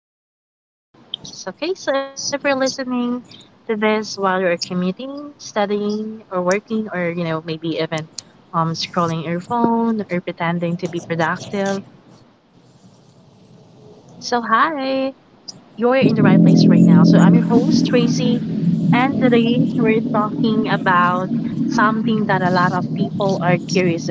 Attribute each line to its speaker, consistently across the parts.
Speaker 1: welcome back to the podcast. Okay, so if you're listening to this while you're commuting, studying, or working, or you know maybe even scrolling your phone or pretending to be productive, so hi, you're in the right place right now. So I'm your host Tracy, and today we're talking about something that a lot of people are curious about,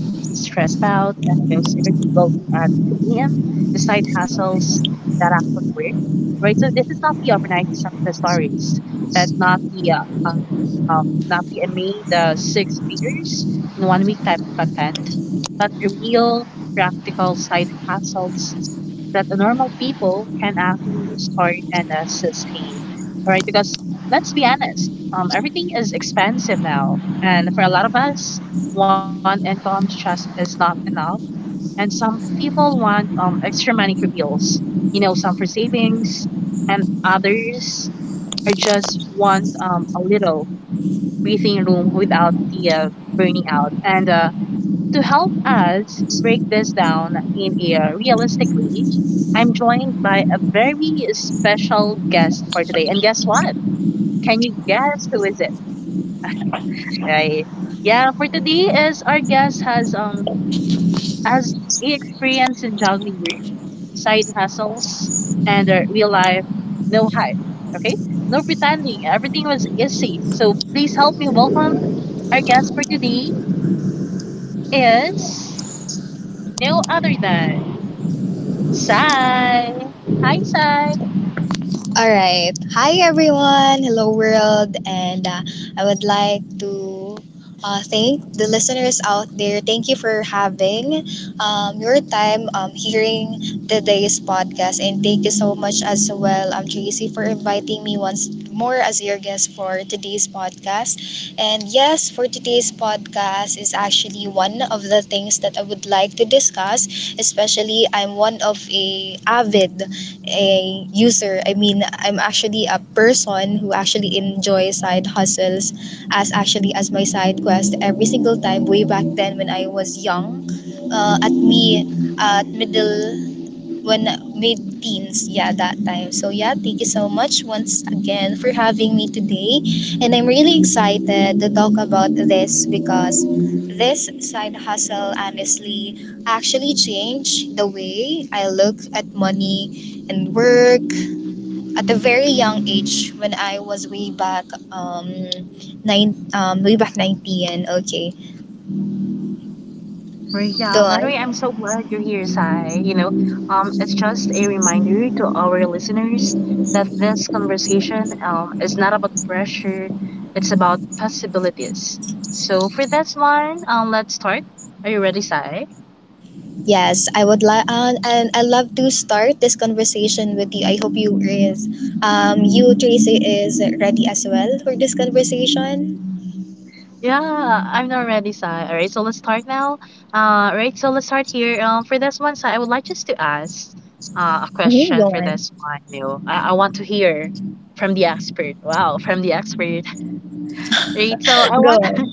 Speaker 1: stress about, and you know secretly going at 2 a.m., the side hustles that actually work. Right, so this is not the overnight success stories, but not the I mean the six figures in one week type of content, but the real, practical side hustles that the normal people can actually start and sustain, right? Because let's be honest, everything is expensive now, and for a lot of us, one income just is not enough. And some people want extra money for bills, you know, some for savings, and others are just want a little breathing room without the burning out. And to help us break this down in a realistic way, I'm joined by a very special guest for today. And guess what? Can you guess who is it? Right? Yeah, for today is our guest has experience in juggling work, side hustles, and real life, no hype. Okay? No pretending. Everything was easy. So please help me welcome our guest for today is no other than Sai. Hi, Sai.
Speaker 2: All right. Hi, everyone. Hello, world. And I would like to thank the listeners out there. Thank you for having your time hearing today's podcast. And thank you so much as well, Tracy, for inviting me once more as your guest for today's podcast. And yes, for today's podcast is actually one of the things that I would like to discuss. Especially, I'm one of a avid a user. I mean, I'm actually a person who actually enjoys side hustles as actually as my side quest every single time way back then when I was young. At me, at middle when mid teens, yeah, that time. So yeah, thank you so much once again for having me today. And I'm really excited to talk about this because this side hustle honestly actually changed the way I look at money and work at a very young age when I was way back um nine way back 19. Okay.
Speaker 1: Well,
Speaker 2: Go
Speaker 1: yeah, by the way,
Speaker 2: on.
Speaker 1: I'm so glad you're here, Sai. It's just a reminder to our listeners that this conversation is not about pressure, it's about possibilities. So, for this one, let's start. Are you ready, Sai?
Speaker 2: Yes, I would love, and I love to start this conversation with you. I hope you is, you Tracy is ready as well for this conversation.
Speaker 1: Yeah, I'm not ready, Sai. All right, so let's start now. Right, so let's start here. For this one, Sai, I would like just to ask a
Speaker 2: Mhm,
Speaker 1: question
Speaker 2: go
Speaker 1: for
Speaker 2: on,
Speaker 1: this one. You know, I want to hear from the expert. Wow, from the expert. Right, so I
Speaker 2: go
Speaker 1: want.
Speaker 2: on.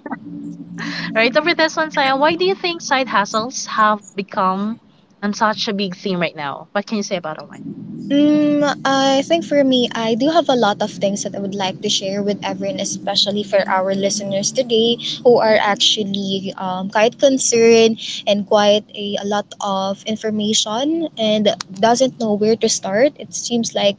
Speaker 1: Right, so for this one, Sai, why do you think side hustles have become such a big theme right now? What can you say about that one?
Speaker 2: I think for me, I do have a lot of things that I would like to share with everyone, especially for our listeners today who are actually quite concerned and quite a lot of information and doesn't know where to start. It seems like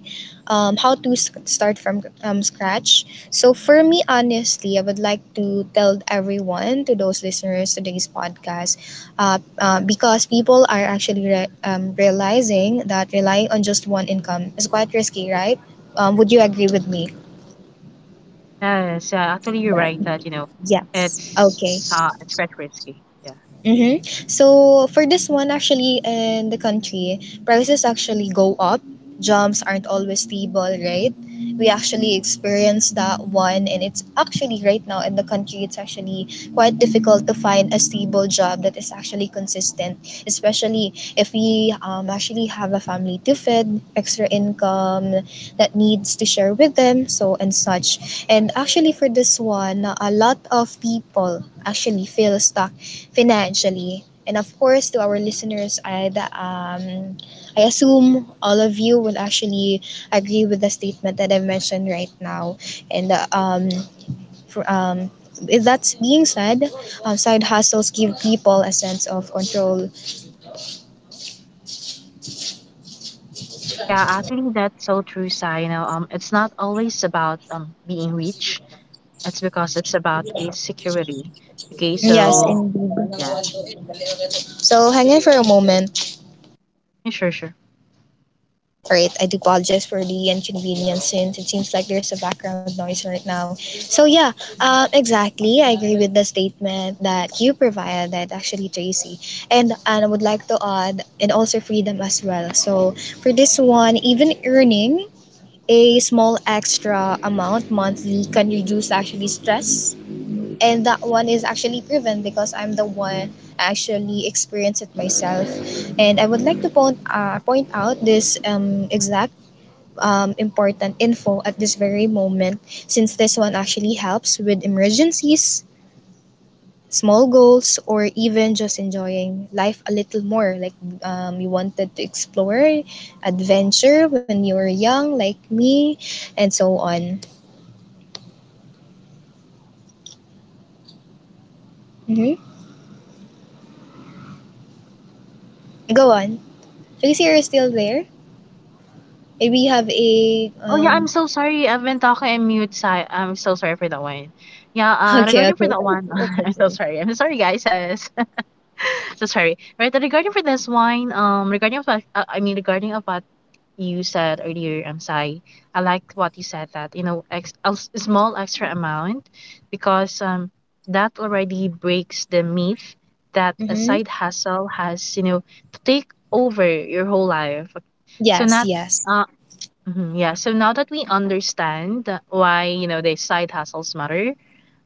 Speaker 2: how to start from scratch. So for me, honestly, I would like to tell everyone, to those listeners to today's podcast, because people are actually realizing that relying on just one income is quite risky, right? Would you agree with me?
Speaker 1: Yes, actually, you're right that you know, it's
Speaker 2: Okay.
Speaker 1: it's quite risky. Yeah.
Speaker 2: Mm-hmm. So for this one, actually, in the country, prices actually go up. Jobs aren't always stable, right? We actually experienced that one, and it's actually right now in the country it's actually quite difficult to find a stable job that is actually consistent, especially if we actually have a family to feed, extra income that needs to share with them so and such. And actually, for this one, a lot of people actually feel stuck financially, and of course to our listeners, I assume all of you will actually agree with the statement that I mentioned right now. And uh, um, for, um, with that being said, side hustles give people a sense of control.
Speaker 1: Yeah, actually, that's so true, Sai. It's not always about being rich. It's because it's about a security. Okay,
Speaker 2: Yes,
Speaker 1: so
Speaker 2: and
Speaker 1: yeah.
Speaker 2: so hang in for a moment.
Speaker 1: Yeah, sure, sure.
Speaker 2: Alright, I do apologize for the inconvenience since it seems like there's a background noise right now. So yeah, exactly. I agree with the statement that you provided, actually, Tracy. And I would like to add, and also freedom as well. So for this one, even earning a small extra amount monthly can reduce actually stress. And that one is actually proven because I'm the one actually experience it myself. And I would like to point out this exact important info at this very moment, since this one actually helps with emergencies, small goals, or even just enjoying life a little more. Like you wanted to explore, adventure when you were young, like me, and so on. Hmm. Go on. Tracy, you're still there? Maybe you have a.
Speaker 1: Oh yeah, I'm
Speaker 2: Um...
Speaker 1: so sorry. I've been talking and mute, Sai. I'm so sorry for that one. Yeah,
Speaker 2: Okay,
Speaker 1: regarding for
Speaker 2: okay.
Speaker 1: that one,
Speaker 2: That's
Speaker 1: I'm so
Speaker 2: okay.
Speaker 1: sorry. I'm sorry, guys. Yes. So sorry. Right, regarding for this one, I mean, regarding of what you said earlier, Sai, I liked what you said that, you know, a small extra amount because that already breaks the myth that a
Speaker 2: Mm-hmm.
Speaker 1: side hustle has, you know, to take over your whole life. So
Speaker 2: Yes,
Speaker 1: not,
Speaker 2: yes.
Speaker 1: uh, mhm, yeah. So now that we understand why, you know, the side hustles matter,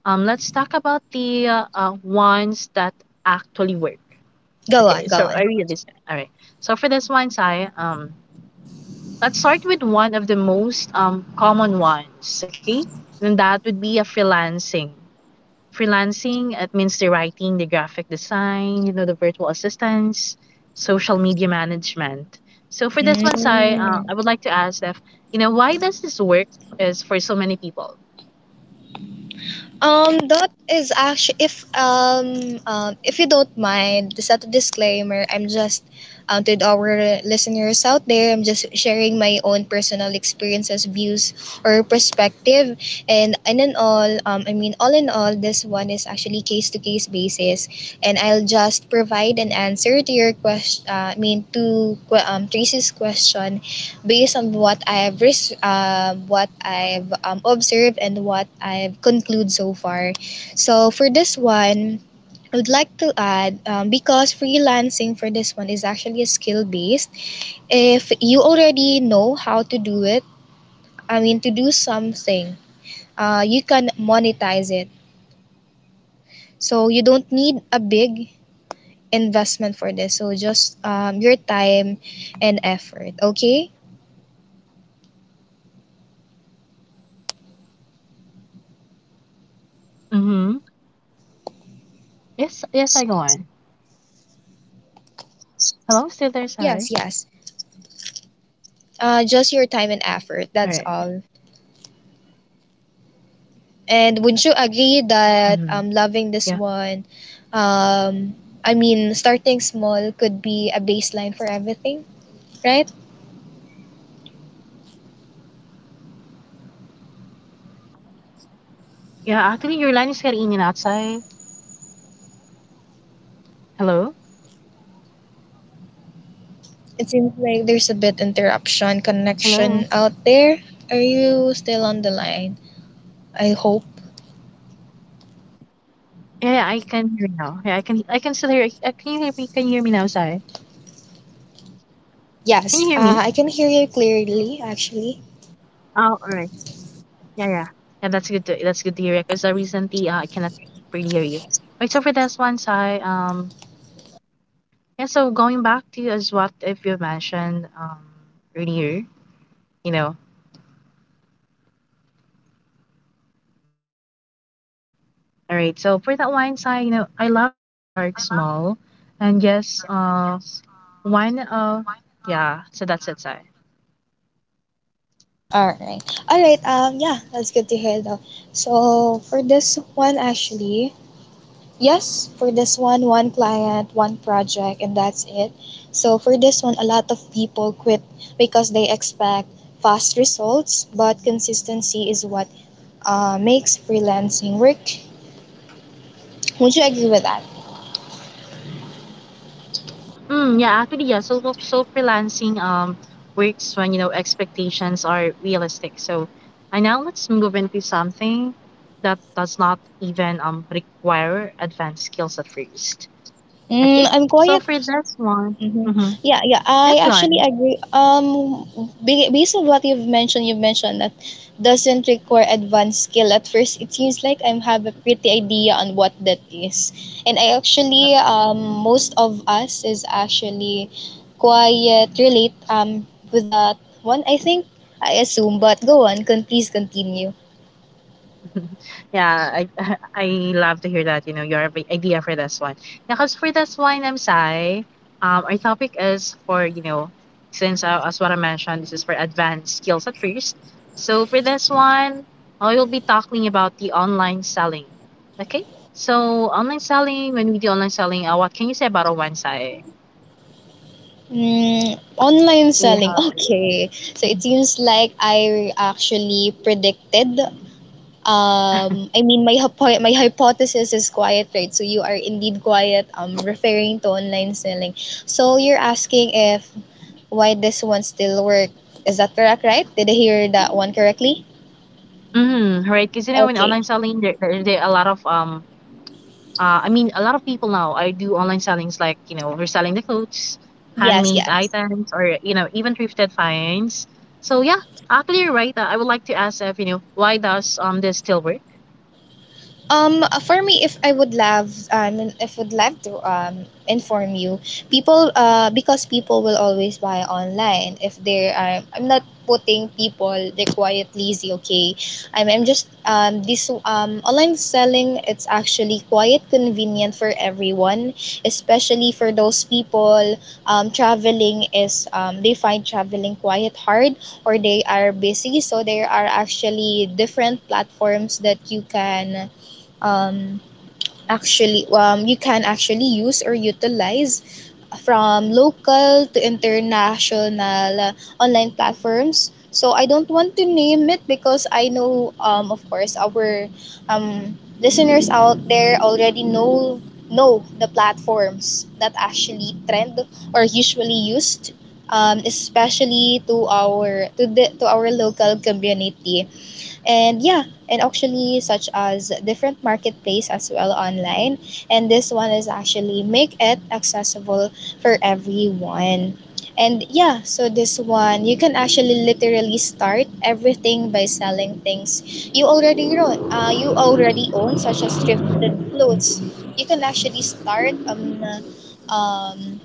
Speaker 1: let's talk about the ones that actually work.
Speaker 2: Go on,
Speaker 1: Okay,
Speaker 2: go
Speaker 1: so are
Speaker 2: on.
Speaker 1: you listening? All right. So for this one, Sai, let's start with one of the most common ones, okay? And that would be a freelancing. Freelancing, it means the writing, the graphic design, you know, the virtual assistants, social media management. So for this one, Sai,
Speaker 2: Mm.
Speaker 1: I would like to ask if, you know, why does this work is for so many people?
Speaker 2: That is actually if you don't mind, just as a disclaimer, I'm just to our listeners out there, I'm just sharing my own personal experiences, views, or perspective, I mean all in all, this one is actually case to case basis, and I'll just provide an answer to your question. Tracy's question based on what I've observed and what I've concluded so far. So for this one, I would like to add because freelancing for this one is actually a skill based. If you already know how to do it, I mean to do something, you can monetize it. So you don't need a big investment for this. So just your time and effort. Okay.
Speaker 1: Mm-hmm. Yes, yes, I go on. Hello, still there,
Speaker 2: Yes.
Speaker 1: Sai?
Speaker 2: Yes. Just your time and effort. That's
Speaker 1: All right.
Speaker 2: all. And would you agree that
Speaker 1: Mm-hmm.
Speaker 2: loving this
Speaker 1: Yeah.
Speaker 2: one, um, I mean, starting small could be a baseline for everything, right?
Speaker 1: Yeah, actually, your line is getting in and outside. Hello?
Speaker 2: It seems like there's a bit
Speaker 1: Hello?
Speaker 2: interruption connection out there. Are you still on the line? I hope.
Speaker 1: Yeah, yeah, I can hear you now. Yeah, I can still hear can you hear me? Can you hear me now, Sai?
Speaker 2: Yes,
Speaker 1: Can you hear
Speaker 2: I
Speaker 1: me?
Speaker 2: can hear you clearly, actually.
Speaker 1: Oh, all right. Yeah, yeah. Yeah, that's good to hear because recently I cannot really hear you. Right, so for this one, Sai, yeah, so going back to as what if you mentioned earlier, you know. All right, so for that one, Sai, you know, I love that you can start small and yes, wine yeah, so that's it, Sai.
Speaker 2: All right. All right. Yeah, that's good to hear though. So for this one, actually, yes, for this one, one client, one project, and that's it. So for this one, a lot of people quit because they expect fast results, but consistency is what makes freelancing work. Would you agree with that?
Speaker 1: Mm, yeah, actually, yeah. So freelancing works when you know expectations are realistic. So, and now let's move into something that does not even require advanced skills at first. Okay.
Speaker 2: Mm, I'm
Speaker 1: So
Speaker 2: quiet.
Speaker 1: for this one,
Speaker 2: Mm-hmm.
Speaker 1: mm-hmm.
Speaker 2: Yeah, yeah,
Speaker 1: Yes,
Speaker 2: I
Speaker 1: go on.
Speaker 2: actually agree. Based on what you've mentioned that doesn't require advanced skill. At first, it seems like I have a pretty idea on what that is, and I actually most of us is actually quite relate with that one. I think I assume, but go on, con please continue.
Speaker 1: Yeah, I I love to hear that. You know, your idea for this one. Yeah, because for this one, I'm Sai. Our topic is for you know, since as what I mentioned, this is for advanced skills at first. So for this one, I will be talking about the online selling. Okay, so online selling. When we do online selling, what can you say about it, one Sai?
Speaker 2: Mm, online
Speaker 1: We
Speaker 2: selling.
Speaker 1: have.
Speaker 2: Okay. So it seems like I actually predicted. I mean, my hypothesis is quiet right? So you are indeed quiet. Referring to online selling. So you're asking if why this one still work. Is that correct? Right? Did I hear that one correctly?
Speaker 1: Mm, right, because you know, in
Speaker 2: Okay.
Speaker 1: online selling, there are a lot of I mean, a lot of people now I do online sellings like you know reselling the clothes,
Speaker 2: Yes.
Speaker 1: handmade
Speaker 2: Yes.
Speaker 1: items, or you know even thrifted finds. So yeah, actually, you're right. I would like to ask if you know why does this still work?
Speaker 2: For me, if would love to inform you, people because people will always buy online. If they are, I'm not putting people they're quite lazy. Okay, I'm just this online selling. It's actually quite convenient for everyone, especially for those people. Traveling is they find traveling quite hard or they are busy, so there are actually different platforms that you can um, actually you can actually use or utilize from local to international online platforms. So I don't want to name it because I know of course our listeners out there already know the platforms that actually trend or usually used, especially to our to our local community. And yeah, and actually such as different marketplace as well online, and this one is actually make it accessible for everyone. And yeah, so this one you can actually literally start everything by selling things you already own. Such as thrifted clothes, you can actually start um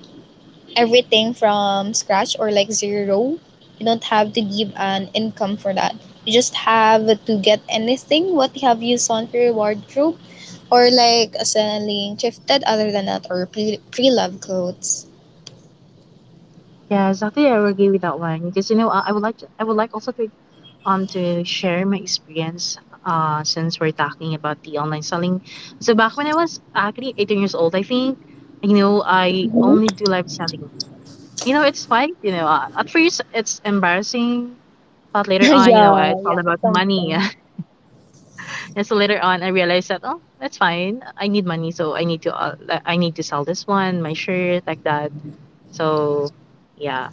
Speaker 2: everything from scratch or like zero. You don't have to give an income for that. You just have to get anything what you have used on for your wardrobe, or like selling thrifted other than that or pre-loved clothes.
Speaker 1: Yes, actually, I agree with that one because you know I would like also to share my experience. Since we're talking about the online selling, so back when I was actually 18 years old, I think you know I
Speaker 2: Mhm.
Speaker 1: only do live selling. You know, it's fine. You know, at first it's embarrassing. But later on, you know,
Speaker 2: Yeah,
Speaker 1: it's all
Speaker 2: yeah,
Speaker 1: about money.
Speaker 2: something.
Speaker 1: And so later on, I realized that oh, that's fine. I need money, so I need to like, I need to sell this one, my shirt, like that. So, yeah.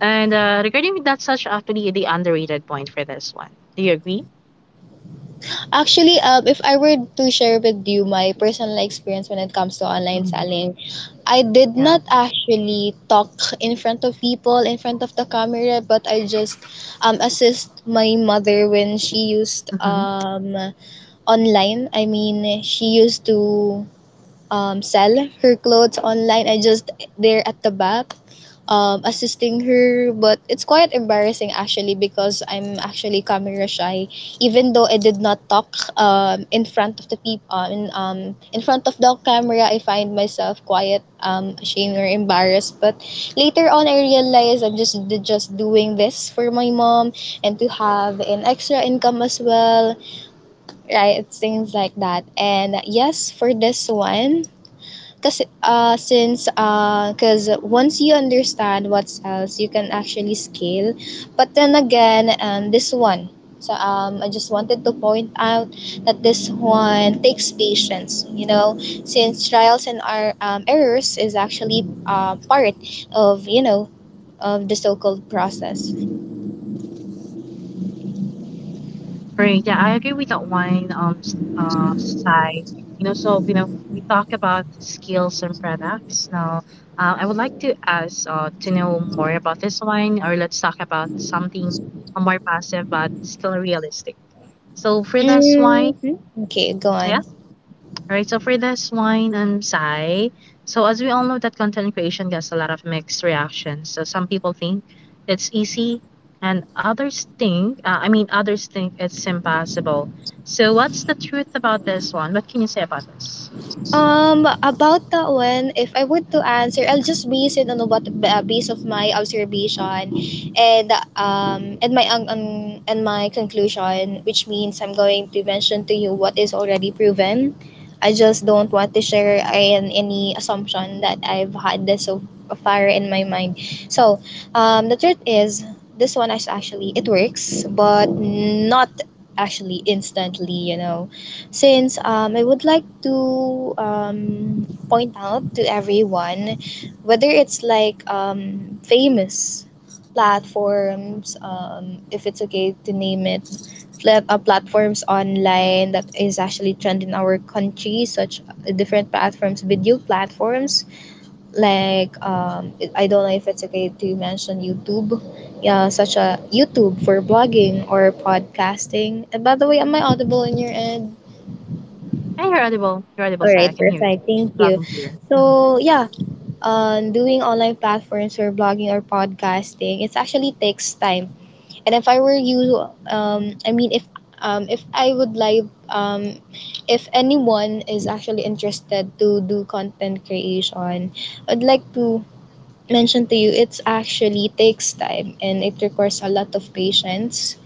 Speaker 1: And regarding that's such actually the underrated point for this one. Do you agree?
Speaker 2: Actually, if I were to share with you my personal experience when it comes to online
Speaker 1: Mhm.
Speaker 2: selling, I did
Speaker 1: Yeah.
Speaker 2: not actually talk in front of people, in front of the camera, but I just assist my mother when she used
Speaker 1: Mm-hmm.
Speaker 2: online. I mean, she used to sell her clothes online. I just there at the back assisting her. But it's quite embarrassing actually because I'm actually camera shy. Even though I did not talk in front of the people in front of the camera, I find myself quiet, ashamed or embarrassed. But later on, I realized I'm just doing this for my mom and to have an extra income as well, right? It's things like that. And yes, for this one, cause once you understand what else you can actually scale. But then again, this one. So I just wanted to point out that this one takes patience, you know, since trials and our errors is actually part of, you know, of the so-called process.
Speaker 1: Right. Yeah, I agree with that wine. Side. You know, so we talk about skills and products. Now, I would like to ask to know more about this wine, or let's talk about something more passive but still realistic. So for this wine,
Speaker 2: Hmm. Okay, go
Speaker 1: yeah.
Speaker 2: on.
Speaker 1: Right. So for this one, Sai. So as we all know, that content creation gets a lot of mixed reactions. So some people think it's easy, and I mean, others think it's impossible. So what's the truth about this one? What can you say about this?
Speaker 2: About that one, if I would to answer, I'll just base it on what base of my observation, and um, and my um, um, and my conclusion, which means I'm going to mention to you what is already proven. I just don't want to share any assumption that I've had this so far in my mind. So, the truth is, this one is actually it works, but not actually instantly. You know, since I would like to point out to everyone whether it's like famous platforms, if it's okay to name it, platforms online that is actually trend in our country, such different platforms, video platforms like I don't know if it's okay to mention YouTube. Yeah, such a YouTube for blogging or podcasting. And by the way, am I audible in your end?
Speaker 1: Hey, you're audible. You're audible,
Speaker 2: All
Speaker 1: Sai. I
Speaker 2: right,
Speaker 1: can hear you
Speaker 2: perfect. Thank
Speaker 1: loud
Speaker 2: you.
Speaker 1: and clear. Mhm.
Speaker 2: So doing online platforms for blogging or podcasting, it actually takes time. And if I were you, I mean, if I would like, if anyone is actually interested to do content creation, I'd like to mentioned to you, it's actually takes time and it requires a lot of patience.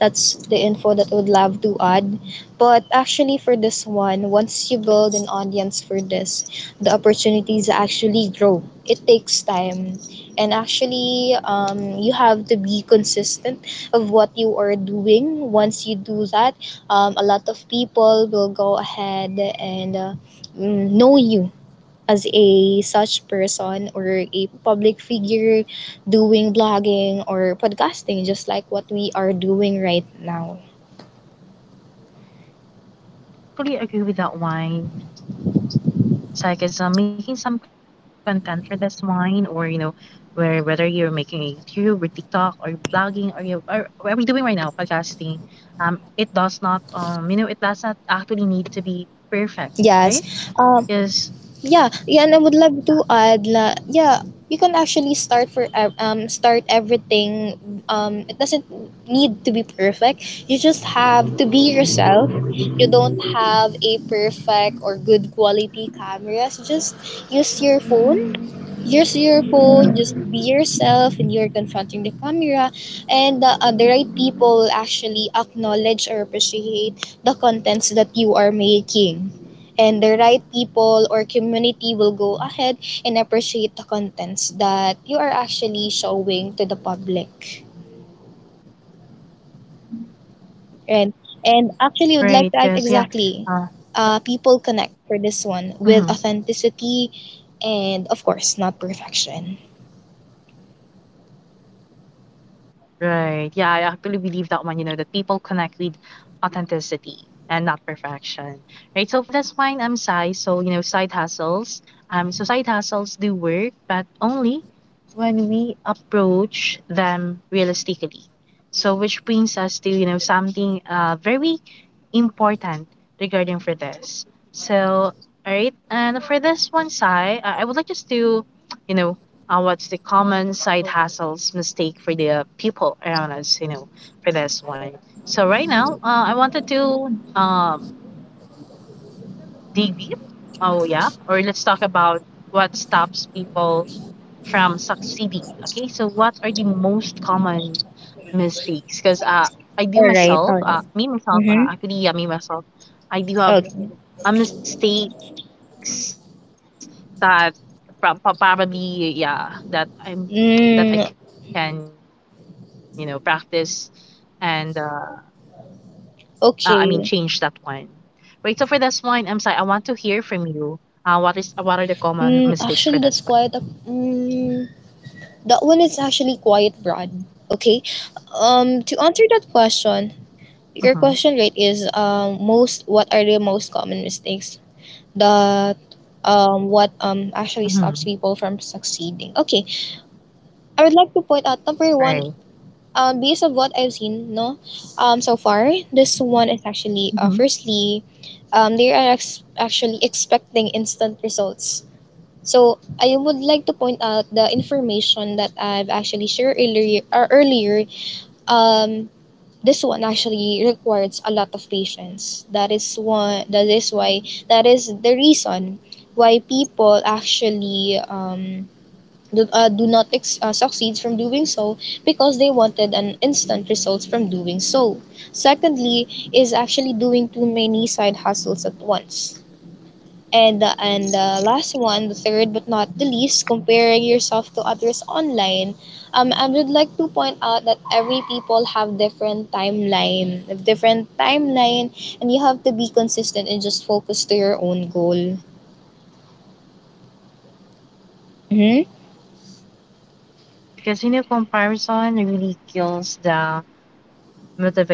Speaker 2: That's the info that I would love to add. But actually, for this one, once you build an audience for this, the opportunities actually grow. It takes time. And actually, you have to be consistent of what you are doing. Once you do that, a lot of people will go ahead and know you as a such person or a public figure doing blogging or podcasting just like what we are doing right now.
Speaker 1: And yeah, I actually agree with that wine. So, because I'm making some content for this wine, or you know, where whether you're making a YouTube or TikTok or blogging or you or what we're doing right now, podcasting, it does not actually need to be perfect, right? Because
Speaker 2: Yes. Yeah, and I would love to add la, yeah, you can actually start start everything, um, it doesn't need to be perfect, you just have to be yourself. You don't have a perfect or good quality cameras, just use your phone. Use your phone, just be yourself when you're confronting the camera, and the right people will actually acknowledge or appreciate the contents that you are making. And the right people or community will go ahead and appreciate the contents that you are actually showing to the public.
Speaker 1: right,
Speaker 2: And,
Speaker 1: because yeah,
Speaker 2: and
Speaker 1: uh,
Speaker 2: actually, would like to act exactly. People
Speaker 1: mhm.
Speaker 2: connect for this one with authenticity and, of course, not perfection.
Speaker 1: Right. Yeah, I actually believe that one, you know, that people connect with authenticity and not perfection. Right. So for this one, I'm Sai. So, you know, side hustles. So side hustles do work, but only when we approach them realistically. So which brings us to, you know, something very important regarding for this. So all right, and for this one, Sai, I would like just to, you know, what's the common side hustles mistake for the people around us, you know, for this one, so right now I wanted to um, DB. Oh yeah. Or let's talk about what stops people from succeeding. Okay, so what are the most common mistakes? Because I do
Speaker 2: All right,
Speaker 1: myself,
Speaker 2: all right.
Speaker 1: me myself,
Speaker 2: Mm-hmm.
Speaker 1: actually, yeah, me myself, I do have
Speaker 2: Okay.
Speaker 1: mistakes that probably, yeah, that I'm that I
Speaker 2: Mm,
Speaker 1: can, you know, practice and I mean change that one.
Speaker 2: okay.
Speaker 1: Right. So for this one, I'm sorry, I want to hear from you. What is what are the common mistakes for this one?
Speaker 2: Mm, actually, that's quite a. Mm, that one is actually quite broad. Okay. To answer that question,
Speaker 1: Mhm,
Speaker 2: your question rate is most what are the most common mistakes that what actually
Speaker 1: mhm,
Speaker 2: stops people from succeeding. Okay. I would like to point out number one.
Speaker 1: right,
Speaker 2: Based on what I've seen, no, so far this one is actually
Speaker 1: mhm.
Speaker 2: firstly, they are actually expecting instant results. So I would like to point out the information that I've actually shared earlier. Earlier, um, this one actually requires a lot of patience. That is one. That is why. That is the reason why people actually do, do not succeed from doing so because they wanted an instant results from doing so. Secondly, is actually doing too many side hustles at once, and the last one, the third but not the least, comparing yourself to others online. I would like to point out that every people have different timeline, and you have to be consistent and just focus to your own goal. Mm-hmm.
Speaker 1: Because you know, comparison really kills the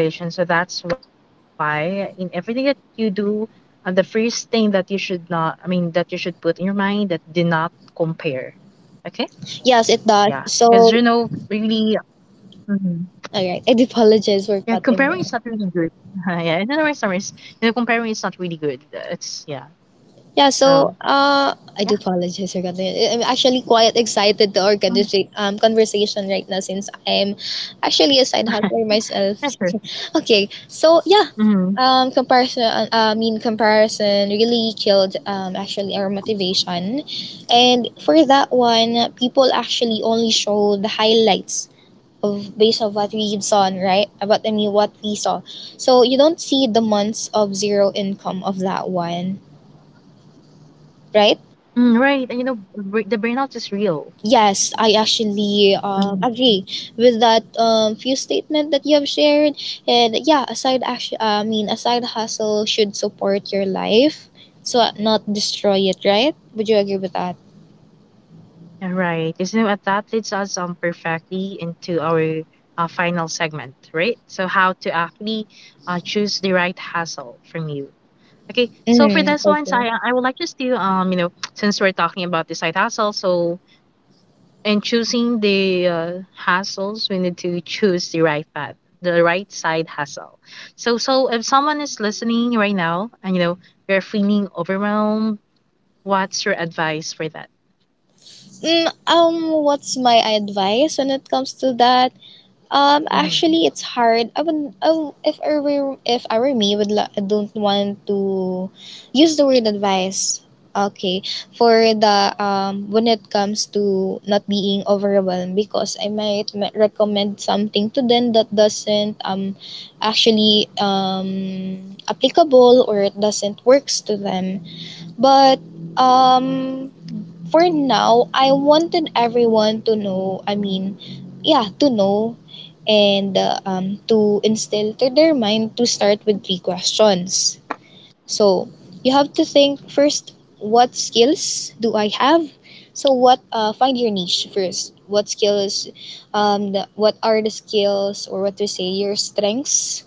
Speaker 1: motivation. So that's why in everything that you do, the first thing that you should not, I mean, that you should put in your mind that do not compare. Okay?
Speaker 2: Yes, it does.
Speaker 1: Yeah.
Speaker 2: So,
Speaker 1: Because, you know, really, mhm.
Speaker 2: all right, I do apologize for cutting
Speaker 1: Yeah,
Speaker 2: there.
Speaker 1: comparing is not really good. Yeah, in other words, in summaries, you know, comparing is not really good. It's, yeah.
Speaker 2: Yeah, so
Speaker 1: So,
Speaker 2: I do
Speaker 1: yeah.
Speaker 2: apologize for cutting. I'm actually quite excited to our
Speaker 1: Mm.
Speaker 2: conversation right now, since I'm actually a side hustler myself.
Speaker 1: Yeah, sure.
Speaker 2: Okay, so yeah,
Speaker 1: Mm-hmm.
Speaker 2: comparison. I mean, comparison really killed actually our motivation, and for that one, people actually only show the highlights of based on what we saw, right? About I mean, what we saw. So you don't see the months of zero income of that one, right?
Speaker 1: Mm, right. And, you know, the burnout is real.
Speaker 2: Yes, I actually agree with that few statement that you have shared. And yeah, a side action, I mean, a side hustle should support your life, so not destroy it. Right? Would you agree with that?
Speaker 1: All right. So that leads us perfectly into our final segment, right? So how to actually choose the right hassle from you. Okay. So for
Speaker 2: Mm,
Speaker 1: this one, so
Speaker 2: okay.
Speaker 1: I would like just to since we're talking about the side hustle, so in choosing the hassles, we need to choose the right path, the right side hustle. So if someone is listening right now and you know they are feeling overwhelmed, what's your advice for that?
Speaker 2: Mm, what's my advice when it comes to that?
Speaker 1: Mm-hmm.
Speaker 2: Actually, it's hard. I would, oh, if I were me, would la- I don't want to use the word advice. Okay, for the when it comes to not being overwhelmed, because I might recommend something to them that doesn't actually applicable or it doesn't works to them. But um for now, I wanted everyone to know, I mean, yeah, to know and to instill to their mind to start with three questions. So you have to think first, what skills do I have? So what find your niche first. What skills what are the skills or what to say your strengths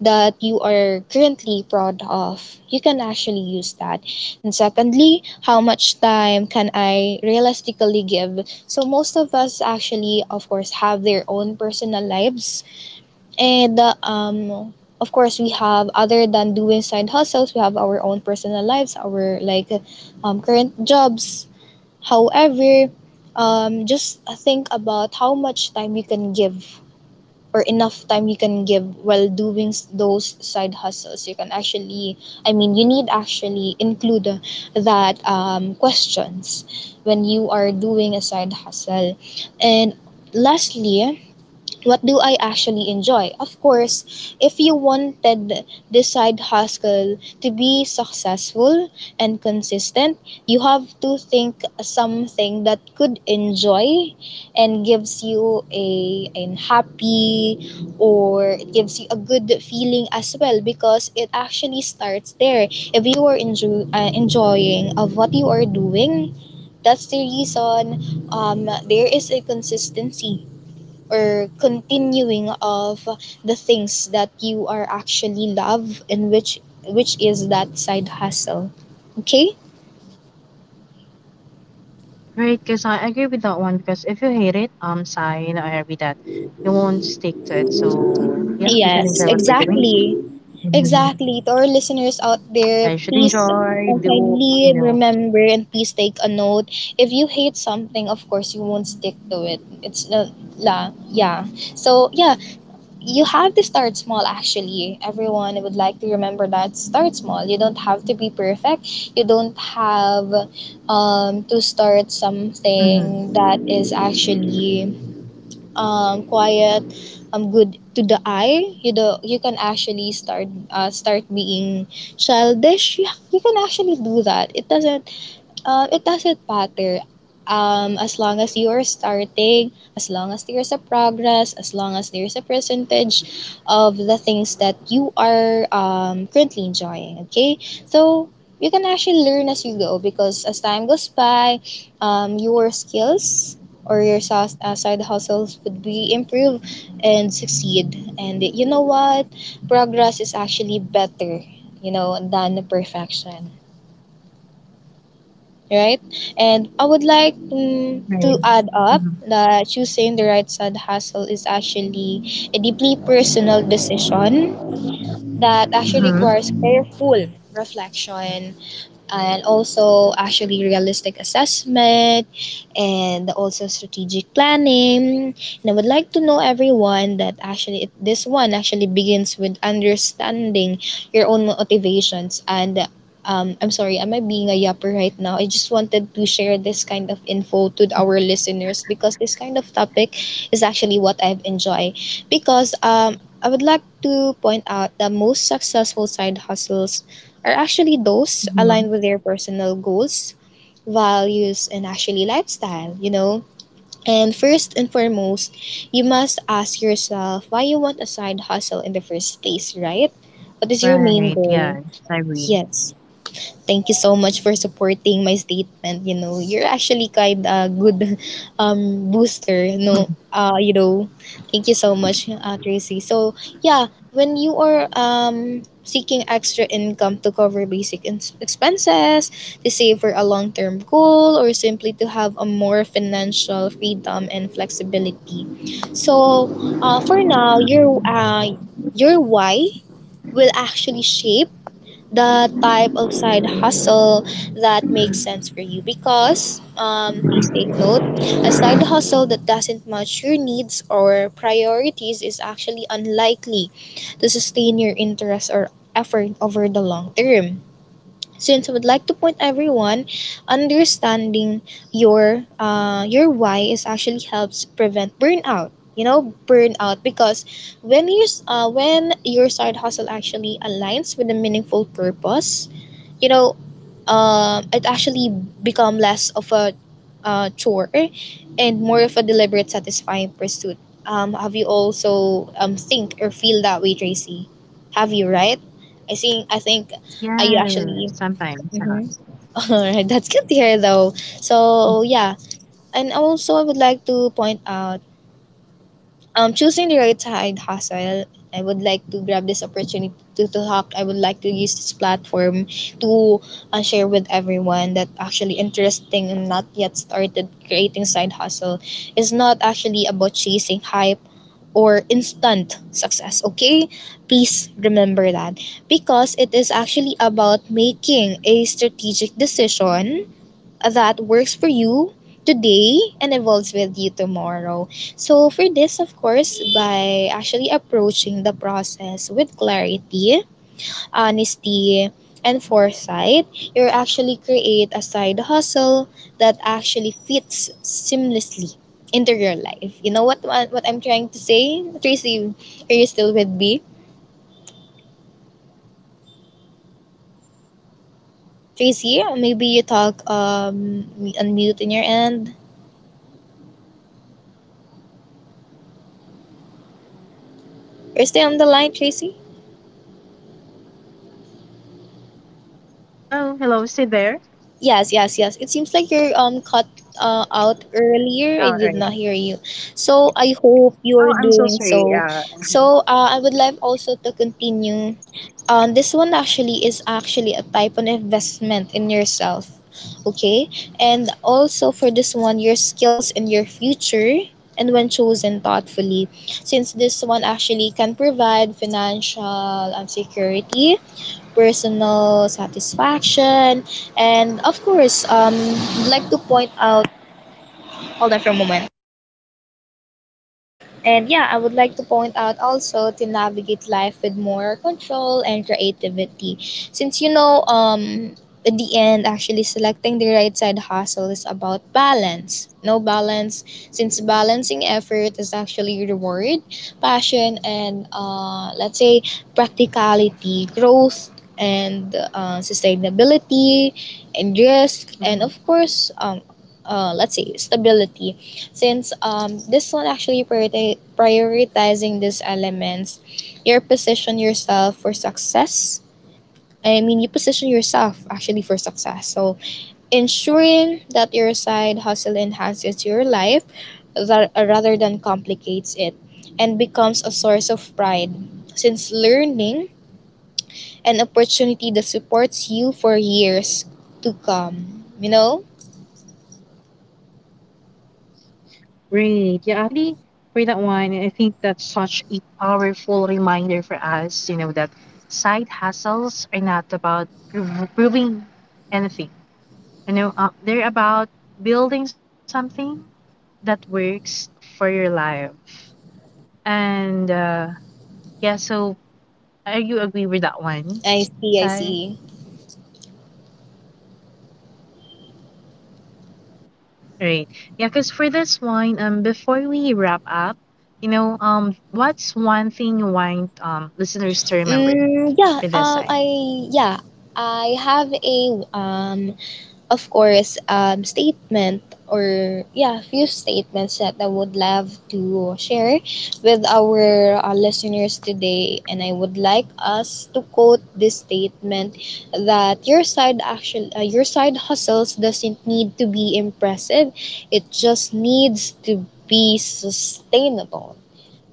Speaker 2: that you are currently proud of. You can actually use that. And secondly, how much time can I realistically give? So most of us actually of course have their own personal lives and of course, we have other than doing side hustles, we have our own personal lives, our like, current jobs. However, just think about how much time you can give or enough time you can give while doing those side hustles. You can actually, I mean, you need actually include that, questions when you are doing a side hustle. And lastly, what do I actually enjoy? Of course, if you wanted this side hustle to be successful and consistent, you have to think something that could enjoy and gives you a an happy or it gives you a good feeling as well, because it actually starts there. If you are enjoying of what you are doing, that's the reason there is a consistency or continuing of the things that you are actually love and which is that side hustle. Okay.
Speaker 1: Right, because I agree with that one. Because if you hate it, sigh, you know, I agree that you won't stick to it. So yeah, we should
Speaker 2: Yes,
Speaker 1: enjoy what we're
Speaker 2: exactly.
Speaker 1: doing. Mm-hmm.
Speaker 2: Exactly, to our listeners out there,
Speaker 1: I should
Speaker 2: please
Speaker 1: enjoy, do
Speaker 2: kindly
Speaker 1: you know?
Speaker 2: remember and please take a note, if you hate something, of course you won't stick to it. It's la, yeah. So yeah, you have to start small. Actually, everyone would like to remember that, start small. You don't have to be perfect. You don't have to start
Speaker 1: Mm-hmm.
Speaker 2: something that is actually quiet, good to the eye. You do, you can actually start start being childish. You can actually do that. It doesn't, it doesn't matter. As long as you are starting, as long as there's a progress, as long as there's a percentage of the things that you are, currently enjoying, okay? So, you can actually learn as you go, because as time goes by, your skills or your side hustles would be improved and succeed. And you know what? Progress is actually better, you know, than perfection, right? And I would like to
Speaker 1: Right.
Speaker 2: add up
Speaker 1: Mm-hmm.
Speaker 2: that choosing the right side hustle is actually a deeply personal decision that actually requires
Speaker 1: Mm-hmm.
Speaker 2: careful reflection, and also actually realistic assessment, and also strategic planning. And I would like to know everyone that actually this one actually begins with understanding your own motivations and, I'm sorry, am I being a yapper right now? I just wanted to share this kind of info to our listeners because this kind of topic is actually what I've enjoyed, because I would like to point out that most successful side hustles are actually those
Speaker 1: Mm-hmm.
Speaker 2: aligned with their personal goals, values, and actually lifestyle, you know? And first and foremost, you must ask yourself why you want a side hustle in the first place, right? What is your main
Speaker 1: Right. Yeah,
Speaker 2: goal?
Speaker 1: I agree.
Speaker 2: Yes. Thank you so much for supporting my statement. You know, you're actually kind a good booster. No, you know, thank you so much, Tracy. So yeah, when you are seeking extra income to cover basic expenses, to save for a long term goal, or simply to have a more financial freedom and flexibility. So, for now, your why will actually shape the type of side hustle that makes sense for you, because please take note, a side hustle that doesn't match your needs or priorities is actually unlikely to sustain your interest or effort over the long term, since I would like to point everyone, understanding your why is actually helps prevent burnout. You know, burnout, because when you when your side hustle actually aligns with a meaningful purpose, you know, it actually become less of a, chore, and more of a deliberate, satisfying pursuit. Have you also think or feel that way, Tracy? Have you, right? I think you
Speaker 1: Yeah,
Speaker 2: actually,
Speaker 1: sometimes. Uh,
Speaker 2: mm-hmm. All right, that's good to hear though. So yeah, and also I would like to point out, choosing the right side hustle. I would like to grab this opportunity to, talk. I would like to use this platform to share with
Speaker 1: hello,
Speaker 2: everyone that
Speaker 1: Sai.
Speaker 2: actually interesting and not yet started creating side hustle is not actually about chasing hype or instant success. Okay, please remember that, because it is actually about making a strategic decision that works for you today and evolves with you tomorrow. So, for this, of course, by actually approaching the process with clarity, honesty, and foresight, you actually create a side hustle that actually fits seamlessly into your life. You know what I'm trying to say, Tracy? Are you still with me,
Speaker 1: Yes, I'm still here. I'm listening. I'm so happy listening
Speaker 2: Tracy?
Speaker 1: with,
Speaker 2: Maybe you
Speaker 1: with your
Speaker 2: talk
Speaker 1: thoughts. But
Speaker 2: unmute in your end.
Speaker 1: oh yeah, I can you not hear me, Sai?
Speaker 2: Are you still on the line,
Speaker 1: Hello.
Speaker 2: Tracy?
Speaker 1: Yeah, I'm still here, Sai. Hello, hello, stay there.
Speaker 2: Yes, yes, yes. It seems like you're cut
Speaker 1: All
Speaker 2: out
Speaker 1: right.
Speaker 2: earlier. I did not hear you. So
Speaker 1: Oh,
Speaker 2: I
Speaker 1: I'm so
Speaker 2: hope
Speaker 1: sorry.
Speaker 2: you're
Speaker 1: Uh,
Speaker 2: doing so. So I would like also to continue. This one actually is actually a type of investment in yourself. Okay, and also for this one, your skills and your future. And when chosen thoughtfully, since this one actually can provide financial security, personal satisfaction, and of course, I'd like to point out, hold on for a moment. And yeah, I would like to point out also to navigate life with more control and creativity. Since you know, in the end, actually selecting the right side hustle is about balance. No balance, since balancing effort is actually reward, passion, and let's say practicality, growth, and sustainability, and risk, and of
Speaker 1: mhm.
Speaker 2: course, let's say stability since this one actually prioritizing these elements, you position yourself for success. I mean, you position yourself actually for success. So, ensuring that your side hustle enhances your life rather than complicates it and becomes a source of pride. Since learning an opportunity that supports you for years to come. You know?
Speaker 1: Right. Yeah, actually, for that one, I think that's such a powerful reminder for us, you know, that side hustles are not about proving anything. You know, they're about building something that works for your life. And yeah, so are you agree with that one,
Speaker 2: I see, I
Speaker 1: Sai?
Speaker 2: see.
Speaker 1: Right. Yeah, because for this one, before we wrap up, what's one thing you want listeners to remember for
Speaker 2: Yeah,
Speaker 1: this I?
Speaker 2: I yeah, I have a of course, statement or yeah, few statements that I would love to share with our listeners today, and I would like us to quote this statement that your side hustles doesn't need to be impressive, it just needs to be sustainable.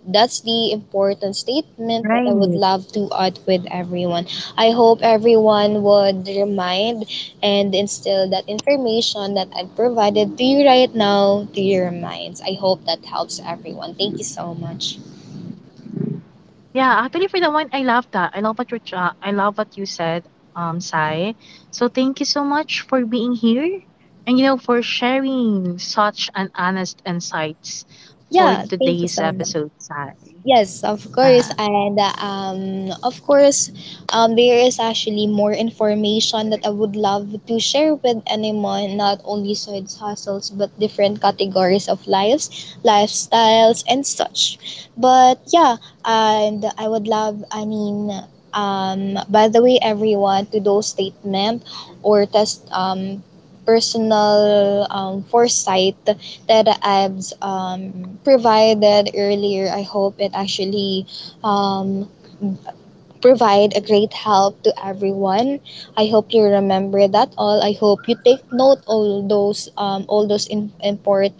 Speaker 2: That's the important statement that I would love
Speaker 1: Right.
Speaker 2: to add with everyone. I hope everyone would remind and instill that information that I've provided to you right now to your minds. I hope that helps everyone. Thank you so much.
Speaker 1: Yeah, actually for the one, I love that. I love what you I love what you said, Sai. So thank you so much for being here, and you know for sharing such an honest insights
Speaker 2: Yeah,
Speaker 1: for
Speaker 2: thank you so much.
Speaker 1: today's episode, Sai.
Speaker 2: Yes, of course. And
Speaker 1: Uh-huh.
Speaker 2: of course, there is actually more information that I would love to share with anyone, not only side hustles, but different categories of lives, lifestyles, and such. But yeah, and I would love, I mean, by the way, everyone, to those statement or test personal foresight that I've provided earlier. I hope it actually um, provide a great help to everyone. I hope you remember that all. I hope you take note all those important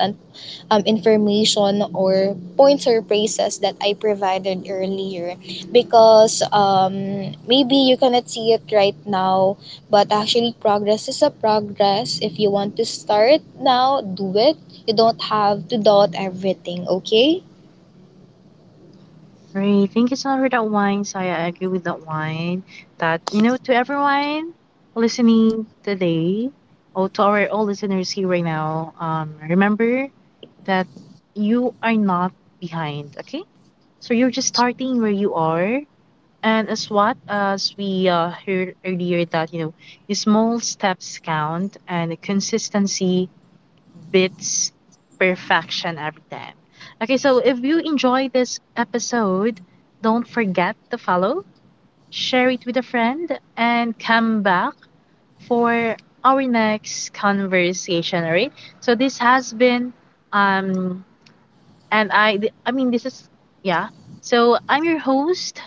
Speaker 2: information or points or phrases that I provided earlier because maybe you cannot see it right now but actually progress is a progress. If you want to start now, do it. You don't have to doubt everything, okay?
Speaker 1: Great. Thank you so much for that wine, Saya. I agree with that wine. That, you know, to everyone listening today, or to our all listeners here right now, remember that you are not behind, okay? So you're just starting where you are. And as what as we heard earlier that, you know, the small steps count and the consistency beats perfection every time. Okay, so if you enjoy this episode, don't forget to follow, share it with a friend, and come back for our next conversation. All right. So this has been um, I mean this is yeah. So I'm your host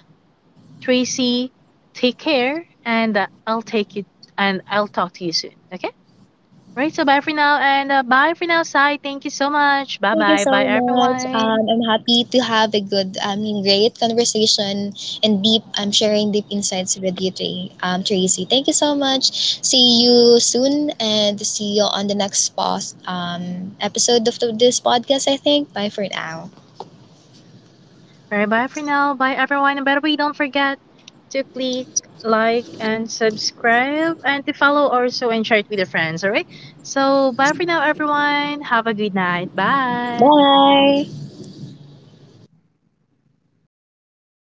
Speaker 1: Tracy. Take care, and I'll take you and I'll talk to you soon. Okay. Right, so bye for now and bye for now, Sai. Thank you so much. Bye
Speaker 2: Thank you
Speaker 1: bye.
Speaker 2: so
Speaker 1: Bye
Speaker 2: much.
Speaker 1: everyone.
Speaker 2: I'm happy to have a great conversation and I'm sharing deep insights with you, Tracy. Thank you so much. See you soon and see you on the next episode of this podcast, I think. Bye for now.
Speaker 1: Bye bye for now. Bye everyone. And by the way, don't forget to click like and subscribe and to follow also and share it with your friends. All right. So bye for now, everyone. Have a good night. Bye.
Speaker 2: Bye.